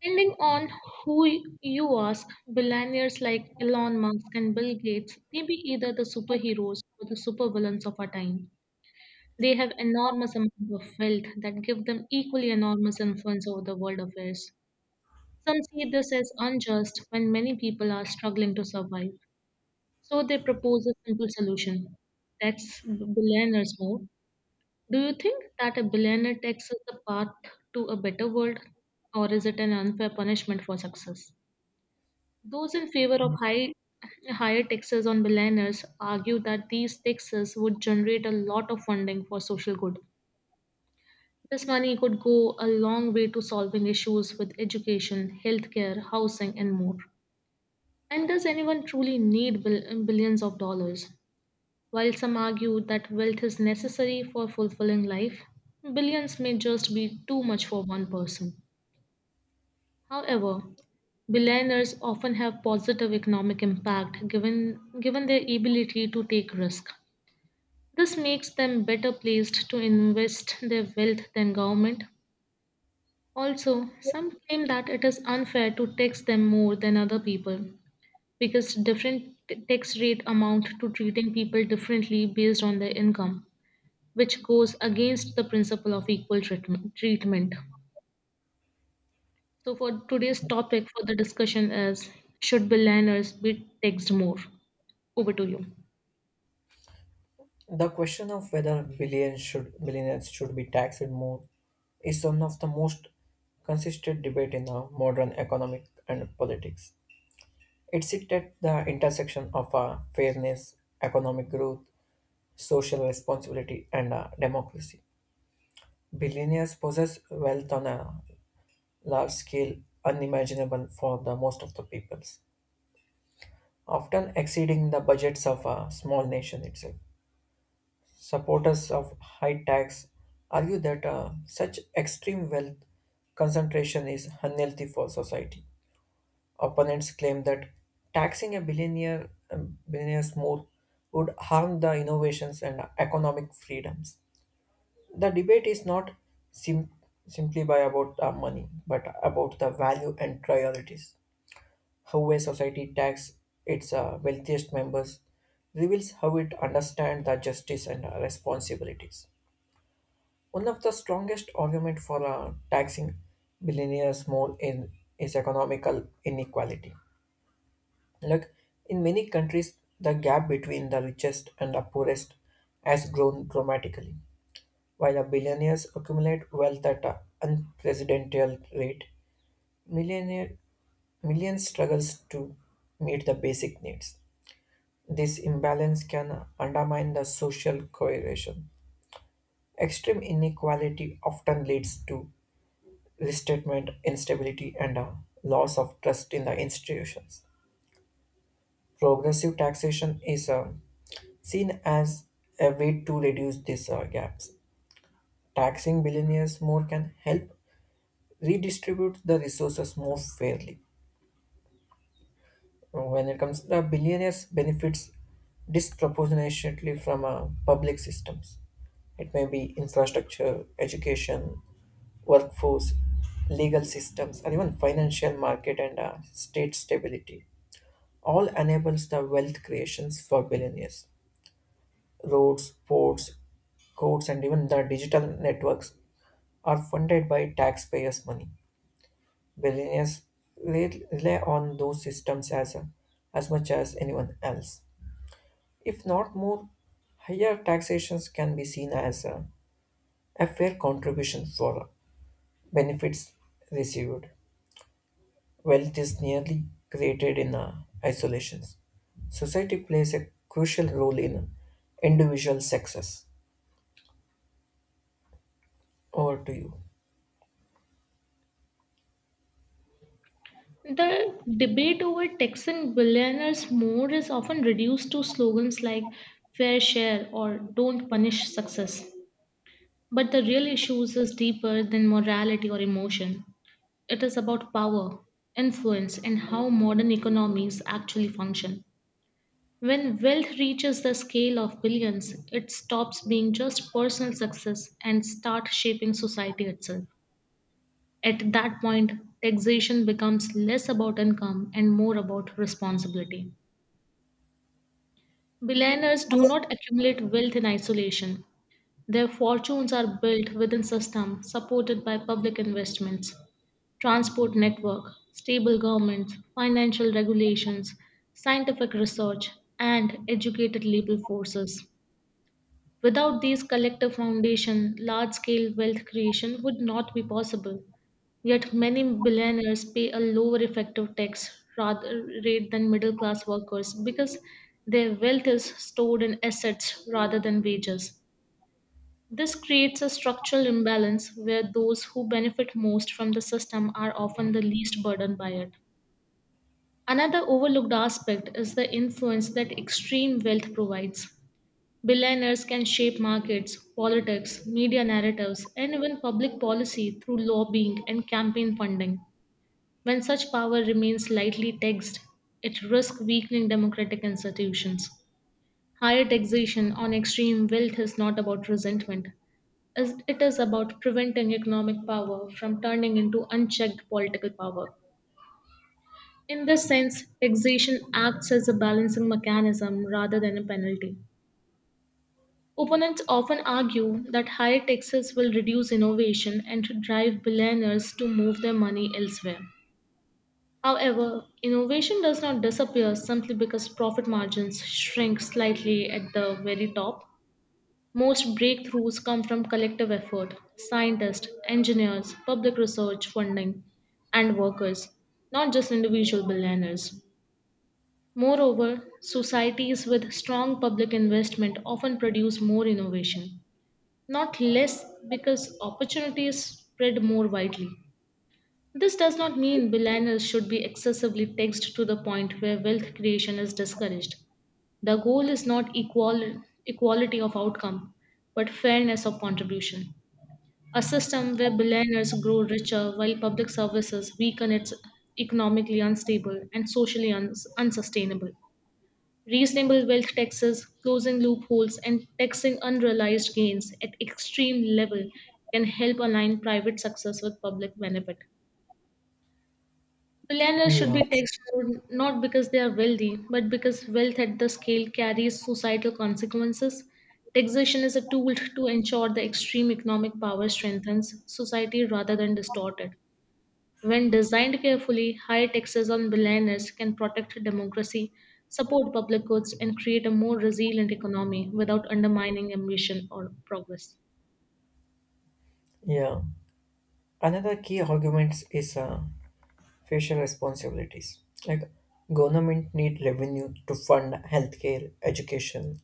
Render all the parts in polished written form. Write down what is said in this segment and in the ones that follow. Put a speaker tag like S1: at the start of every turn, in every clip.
S1: Depending on who you ask, billionaires like Elon Musk and Bill Gates may be either the superheroes or the supervillains of our time. They have enormous amount of wealth that give them equally enormous influence over the world affairs. Some see this as unjust when many people are struggling to survive. So they propose a simple solution. Tax billionaires more. Do you think that a billionaire tax is the path to a better world, or is it an unfair punishment for success? Those in favor of higher taxes on billionaires argue that these taxes would generate a lot of funding for social good. This money could go a long way to solving issues with education, healthcare, housing, and more. And does anyone truly need billions of dollars? While some argue that wealth is necessary for fulfilling life, billions may just be too much for one person. However, billionaires often have positive economic impact given their ability to take risk. This makes them better placed to invest their wealth than government. Also, some claim that it is unfair to tax them more than other people because different tax rate amount to treating people differently based on their income, which goes against the principle of equal treatment. So, for today's topic for the discussion is, should billionaires be taxed more? Over to you.
S2: The question of whether billionaires should be taxed more is one of the most consistent debate in the modern economic and politics. It sits at the intersection of fairness, economic growth, social responsibility, and democracy. Billionaires possess wealth on a large scale unimaginable for the most of the peoples, often exceeding the budgets of a small nation itself. Supporters of high tax argue that such extreme wealth concentration is unhealthy for society. Opponents claim that billionaires more would harm the innovations and economic freedoms. The debate is not sim- simply by about money, but about the value and priorities. How a society tax its wealthiest members reveals how it understands the justice and responsibilities. One of the strongest arguments for taxing billionaires more in is economical inequality. Like in many countries, the gap between the richest and the poorest has grown dramatically. While the billionaires accumulate wealth at an unprecedented rate, millionaire millions struggles to meet the basic needs. This imbalance can undermine the social cohesion. Extreme inequality often leads to restatement instability and a loss of trust in the institutions. Progressive taxation is seen as a way to reduce these gaps. Taxing billionaires more can help redistribute the resources more fairly. When it comes to the billionaires benefits disproportionately from public systems. It may be infrastructure, education, workforce, legal systems, or even financial market and state stability. All enables the wealth creations for billionaires. Roads, ports, courts, and even the digital networks are funded by taxpayers' money. Billionaires rely on those systems as much as anyone else. If not more, higher taxations can be seen as a fair contribution for benefits received. Wealth is nearly created in isolations. Society plays a crucial role in individual success. Over to you.
S1: The debate over taxing billionaires more is often reduced to slogans like fair share or don't punish success. But the real issues is deeper than morality or emotion. It is about power, influence, and how modern economies actually function. When wealth reaches the scale of billions, it stops being just personal success and starts shaping society itself. At that point, taxation becomes less about income and more about responsibility. Billionaires do not accumulate wealth in isolation. Their fortunes are built within systems supported by public investments, transport network, stable governments, financial regulations, scientific research, and educated labor forces. Without these collective foundation, large-scale wealth creation would not be possible. Yet many billionaires pay a lower effective tax rather rate than middle-class workers because their wealth is stored in assets rather than wages. This creates a structural imbalance where those who benefit most from the system are often the least burdened by it. Another overlooked aspect is the influence that extreme wealth provides. Billionaires can shape markets, politics, media narratives, and even public policy through lobbying and campaign funding. When such power remains lightly taxed, it risks weakening democratic institutions. Higher taxation on extreme wealth is not about resentment, as it is about preventing economic power from turning into unchecked political power. In this sense, taxation acts as a balancing mechanism rather than a penalty. Opponents often argue that higher taxes will reduce innovation and drive billionaires to move their money elsewhere. However, innovation does not disappear simply because profit margins shrink slightly at the very top. Most breakthroughs come from collective effort, scientists, engineers, public research funding, and workers, not just individual billionaires. Moreover, societies with strong public investment often produce more innovation, not less, because opportunities spread more widely. This does not mean billionaires should be excessively taxed to the point where wealth creation is discouraged. The goal is not equality of outcome, but fairness of contribution. A system where billionaires grow richer while public services weaken is economically unstable and socially unsustainable. Reasonable wealth taxes, closing loopholes, and taxing unrealized gains at extreme level can help align private success with public benefit. Millionaires should
S2: Yeah,
S1: be taxed more not because they are wealthy, but because wealth at the scale carries societal consequences. Taxation is a tool to ensure the extreme economic power strengthens society rather than distort it. When designed carefully, high taxes on billionaires can protect democracy, support public goods, and create a more resilient economy without undermining ambition or progress.
S2: yeah. Another key argument is facial responsibilities. Like government need revenue to fund healthcare, education,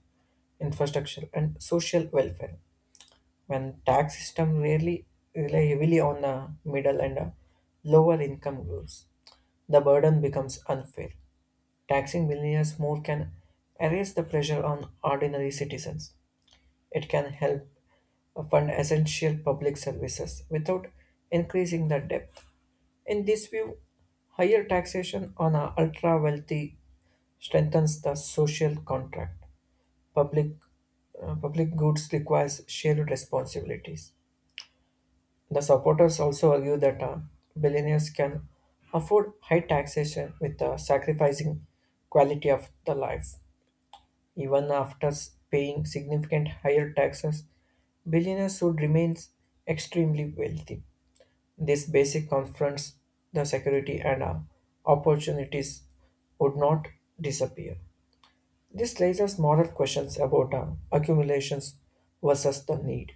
S2: infrastructure, and social welfare. When tax system rarely rely heavily on middle and lower income groups, the burden becomes unfair. Taxing millionaires more can erase the pressure on ordinary citizens. It can help fund essential public services without increasing the debt. In this view, higher taxation on our ultra wealthy strengthens the social contract. Public, public goods requires shared responsibilities. The supporters also argue that billionaires can afford high taxation with sacrificing quality of the life. Even after paying significant higher taxes, billionaires would remain extremely wealthy. This basic confronts the security and opportunities would not disappear. This raises moral questions about accumulations versus the need.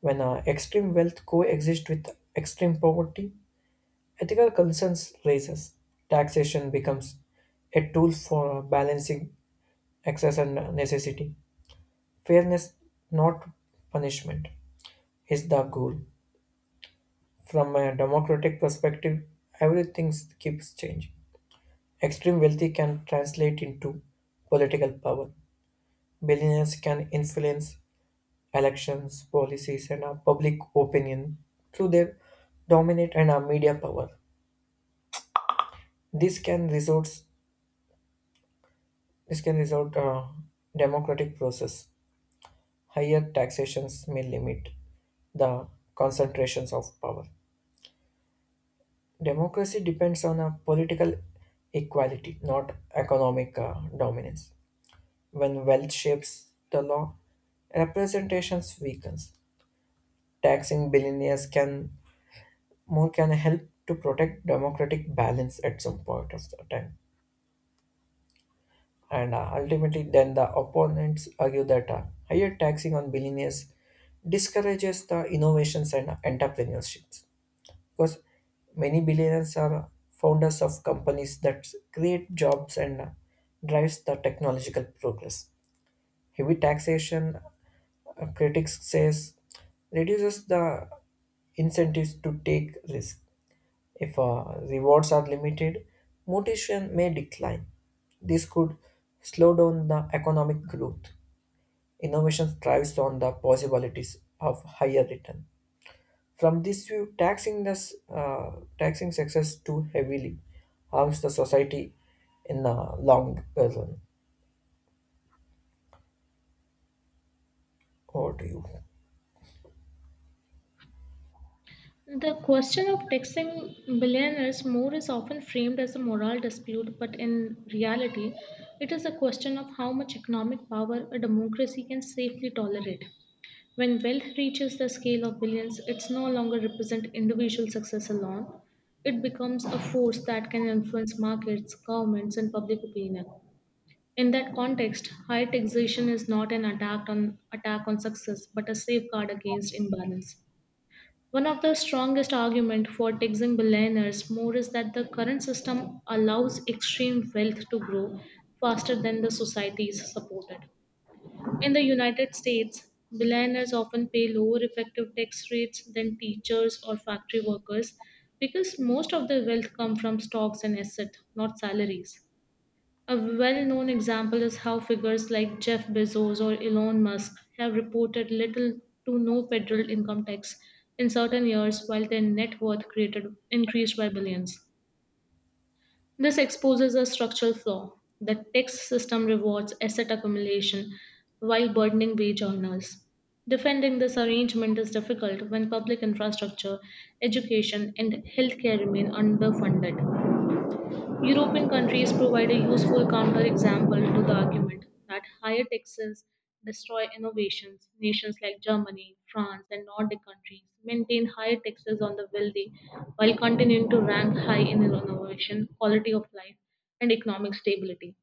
S2: When extreme wealth coexists with extreme poverty, ethical concerns raises. Taxation becomes a tool for balancing excess and necessity. Fairness, not punishment, is the goal. From a democratic perspective, everything keeps changing. Extreme wealthy can translate into political power. Billionaires can influence elections, policies, and our public opinion through their dominant and our media power. This can result this can result democratic process. Higher taxations may limit the concentrations of power. Democracy depends on a political equality, not economic dominance. When wealth shapes the law, representations weakens. Taxing billionaires can more can help to protect democratic balance at some point of the time. And ultimately, then the opponents argue that higher taxing on billionaires discourages the innovations and entrepreneurships. Because many billionaires are founders of companies that create jobs and drives the technological progress. Heavy taxation, critics says, reduces the incentives to take risk. If rewards are limited, motivation may decline. This could slow down the economic growth. Innovation thrives on the possibilities of higher return. From this view, taxing success too heavily harms the society in the long run. Over to you.
S1: The question of taxing billionaires more is often framed as a moral dispute, but in reality, it is a question of how much economic power a democracy can safely tolerate. When wealth reaches the scale of billions, it's no longer represent individual success alone. It becomes a force that can influence markets, governments, and public opinion. In that context, high taxation is not an attack on success, but a safeguard against imbalance. One of the strongest arguments for taxing billionaires more is that the current system allows extreme wealth to grow faster than the society is supported. In the United States, billionaires often pay lower effective tax rates than teachers or factory workers because most of their wealth come from stocks and assets, not salaries. A well-known example is how figures like Jeff Bezos or Elon Musk have reported little to no federal income tax in certain years while their net worth created increased by billions. This exposes a structural flaw. The tax system rewards asset accumulation while burdening wage earners. Defending this arrangement is difficult when public infrastructure, education, and healthcare remain underfunded. European countries provide a useful counterexample to the argument that higher taxes destroy innovations. Nations like Germany, France, and Nordic countries maintain higher taxes on the wealthy while continuing to rank high in innovation, quality of life, and economic stability.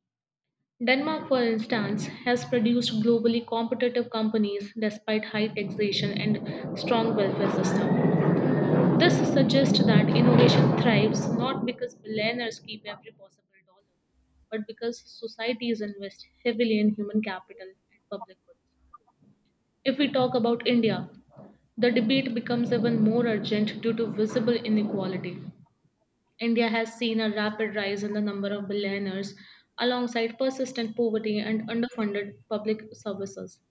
S1: Denmark, for instance, has produced globally competitive companies despite high taxation and strong welfare system. This suggests that innovation thrives not because billionaires keep every possible dollar, but because societies invest heavily in human capital and public goods. If we talk about India, the debate becomes even more urgent due to visible inequality. India has seen a rapid rise in the number of billionaires alongside persistent poverty and underfunded public services.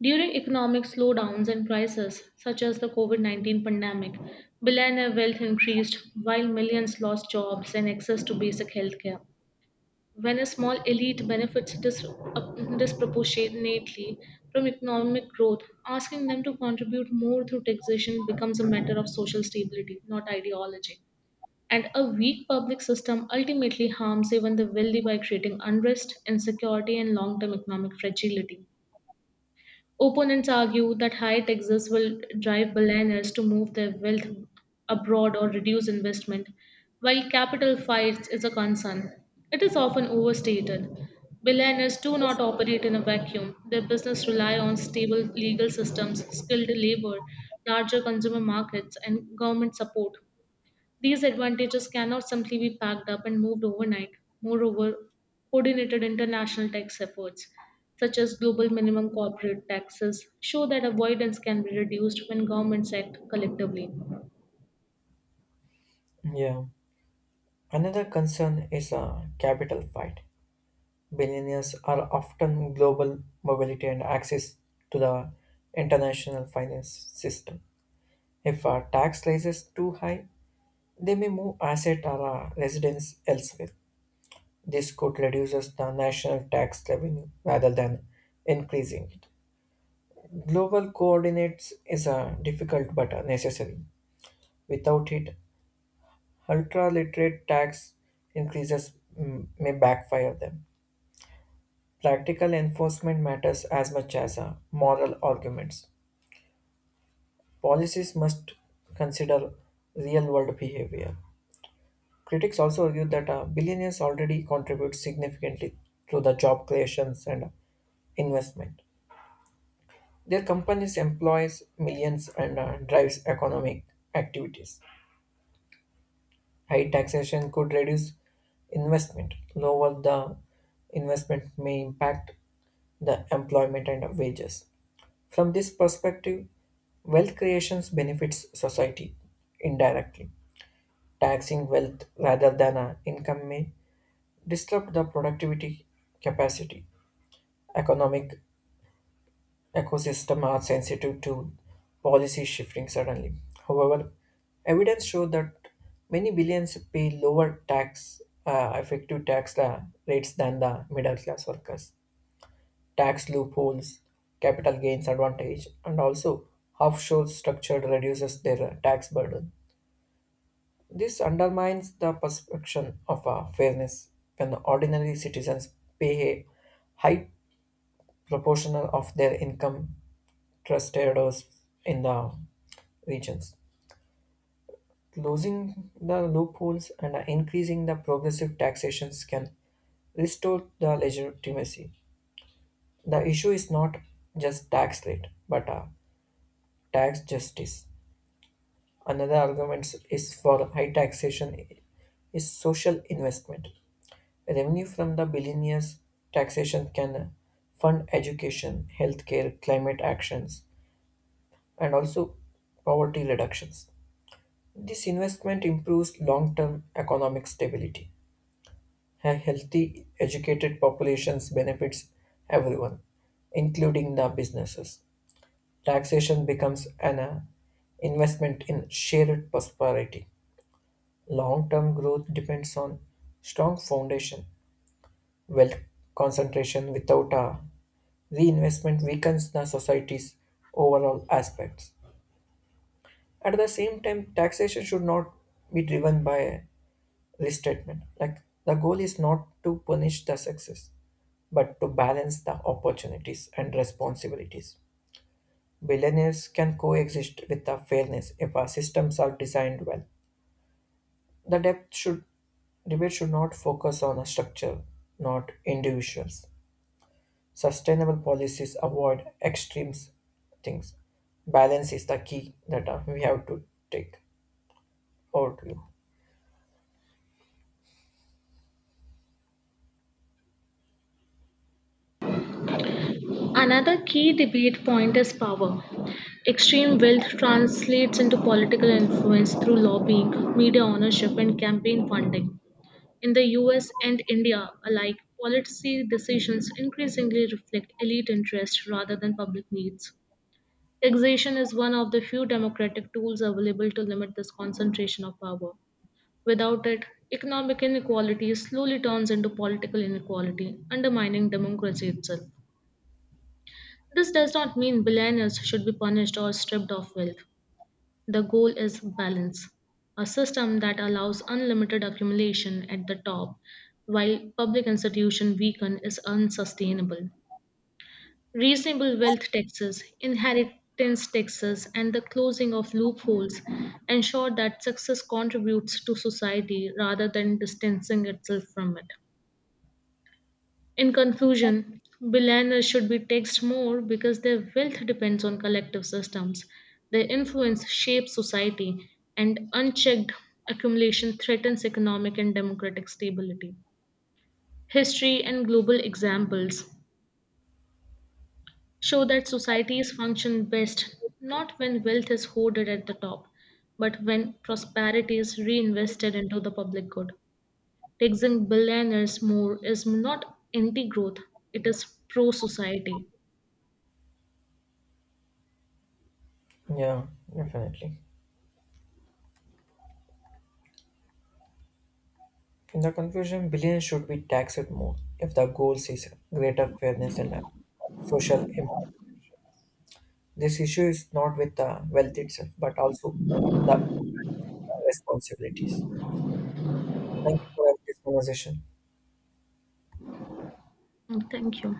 S1: During economic slowdowns and crises, such as the COVID 19 pandemic, billionaire wealth increased while millions lost jobs and access to basic healthcare. When a small elite benefits disproportionately from economic growth, asking them to contribute more through taxation becomes a matter of social stability, not ideology. And a weak public system ultimately harms even the wealthy by creating unrest, insecurity, and long term economic fragility. Opponents argue that higher taxes will drive billionaires to move their wealth abroad or reduce investment, while capital fights is a concern. It is often overstated. Billionaires do not operate in a vacuum. Their business rely on stable legal systems, skilled labor, larger consumer markets, and government support. These advantages cannot simply be packed up and moved overnight. Moreover, coordinated international tax efforts, such as global minimum corporate taxes, show that avoidance can be reduced when governments act collectively.
S2: Yeah. Another concern is a capital fight. Billionaires are often global mobility and access to the international finance system. If a tax rises too high, they may move asset or residence elsewhere. This could reduce the national tax revenue rather than increasing it. Global coordinates is a difficult but a necessary. Without it, ultra-literate tax increases may backfire them. Practical enforcement matters as much as moral arguments. Policies must consider real-world behavior. Critics also argue that billionaires already contribute significantly to the job creations and investment. Their companies employs millions and drives economic activities. High taxation could reduce investment. Lower the investment may impact the employment and wages. From this perspective, wealth creation benefits society indirectly. Taxing wealth rather than income may disrupt the productivity capacity, economic Ecosystems are sensitive to policy shifting suddenly. However, evidence shows that many billions pay effective tax rates than the middle class workers. Tax loopholes, capital gains advantage, and also offshore structure reduces their tax burden. This undermines the perception of fairness when ordinary citizens pay a high proportional of their income trusted us in the regions. Closing the loopholes and increasing the progressive taxations can restore the legitimacy. The issue is not just tax rate, but tax justice. Another argument is for high taxation is social investment. Revenue from the billionaires' taxation can fund education, healthcare, climate actions, and also poverty reductions. This investment improves long term economic stability. A healthy, educated population benefits everyone, including the businesses. Taxation becomes an investment in shared prosperity. Long term growth depends on strong foundation. Wealth concentration without a reinvestment weakens the society's overall aspects. At the same time, taxation should not be driven by list statement. Like the goal is not to punish the success, but to balance the opportunities and responsibilities. Billionaires can coexist with the fairness if our systems are designed well. The depth should debate should not focus on a structure, not individuals. Sustainable policies avoid extremes things. Balance is the key that we have to take. Over to you.
S1: Another key debate point is power. Extreme wealth translates into political influence through lobbying, media ownership, and campaign funding. In the US and India alike, policy decisions increasingly reflect elite interests rather than public needs. Taxation is one of the few democratic tools available to limit this concentration of power. Without it, economic inequality slowly turns into political inequality, undermining democracy itself. This does not mean billionaires should be punished or stripped of wealth. The goal is balance, a system that allows unlimited accumulation at the top while public institutions weaken is unsustainable. Reasonable wealth taxes, inheritance taxes, and the closing of loopholes ensure that success contributes to society rather than distancing itself from it. In conclusion, billionaires should be taxed more because their wealth depends on collective systems. Their influence shapes society, and unchecked accumulation threatens economic and democratic stability. History and global examples show that societies function best not when wealth is hoarded at the top, but when prosperity is reinvested into the public good. Taxing billionaires more is not anti growth, it is pro society.
S2: Yeah, definitely. In the conclusion, billions should be taxed more if the goal is greater fairness and social impact. This issue is not with the wealth itself, but also the responsibilities. Thank you for this conversation.
S1: Thank you.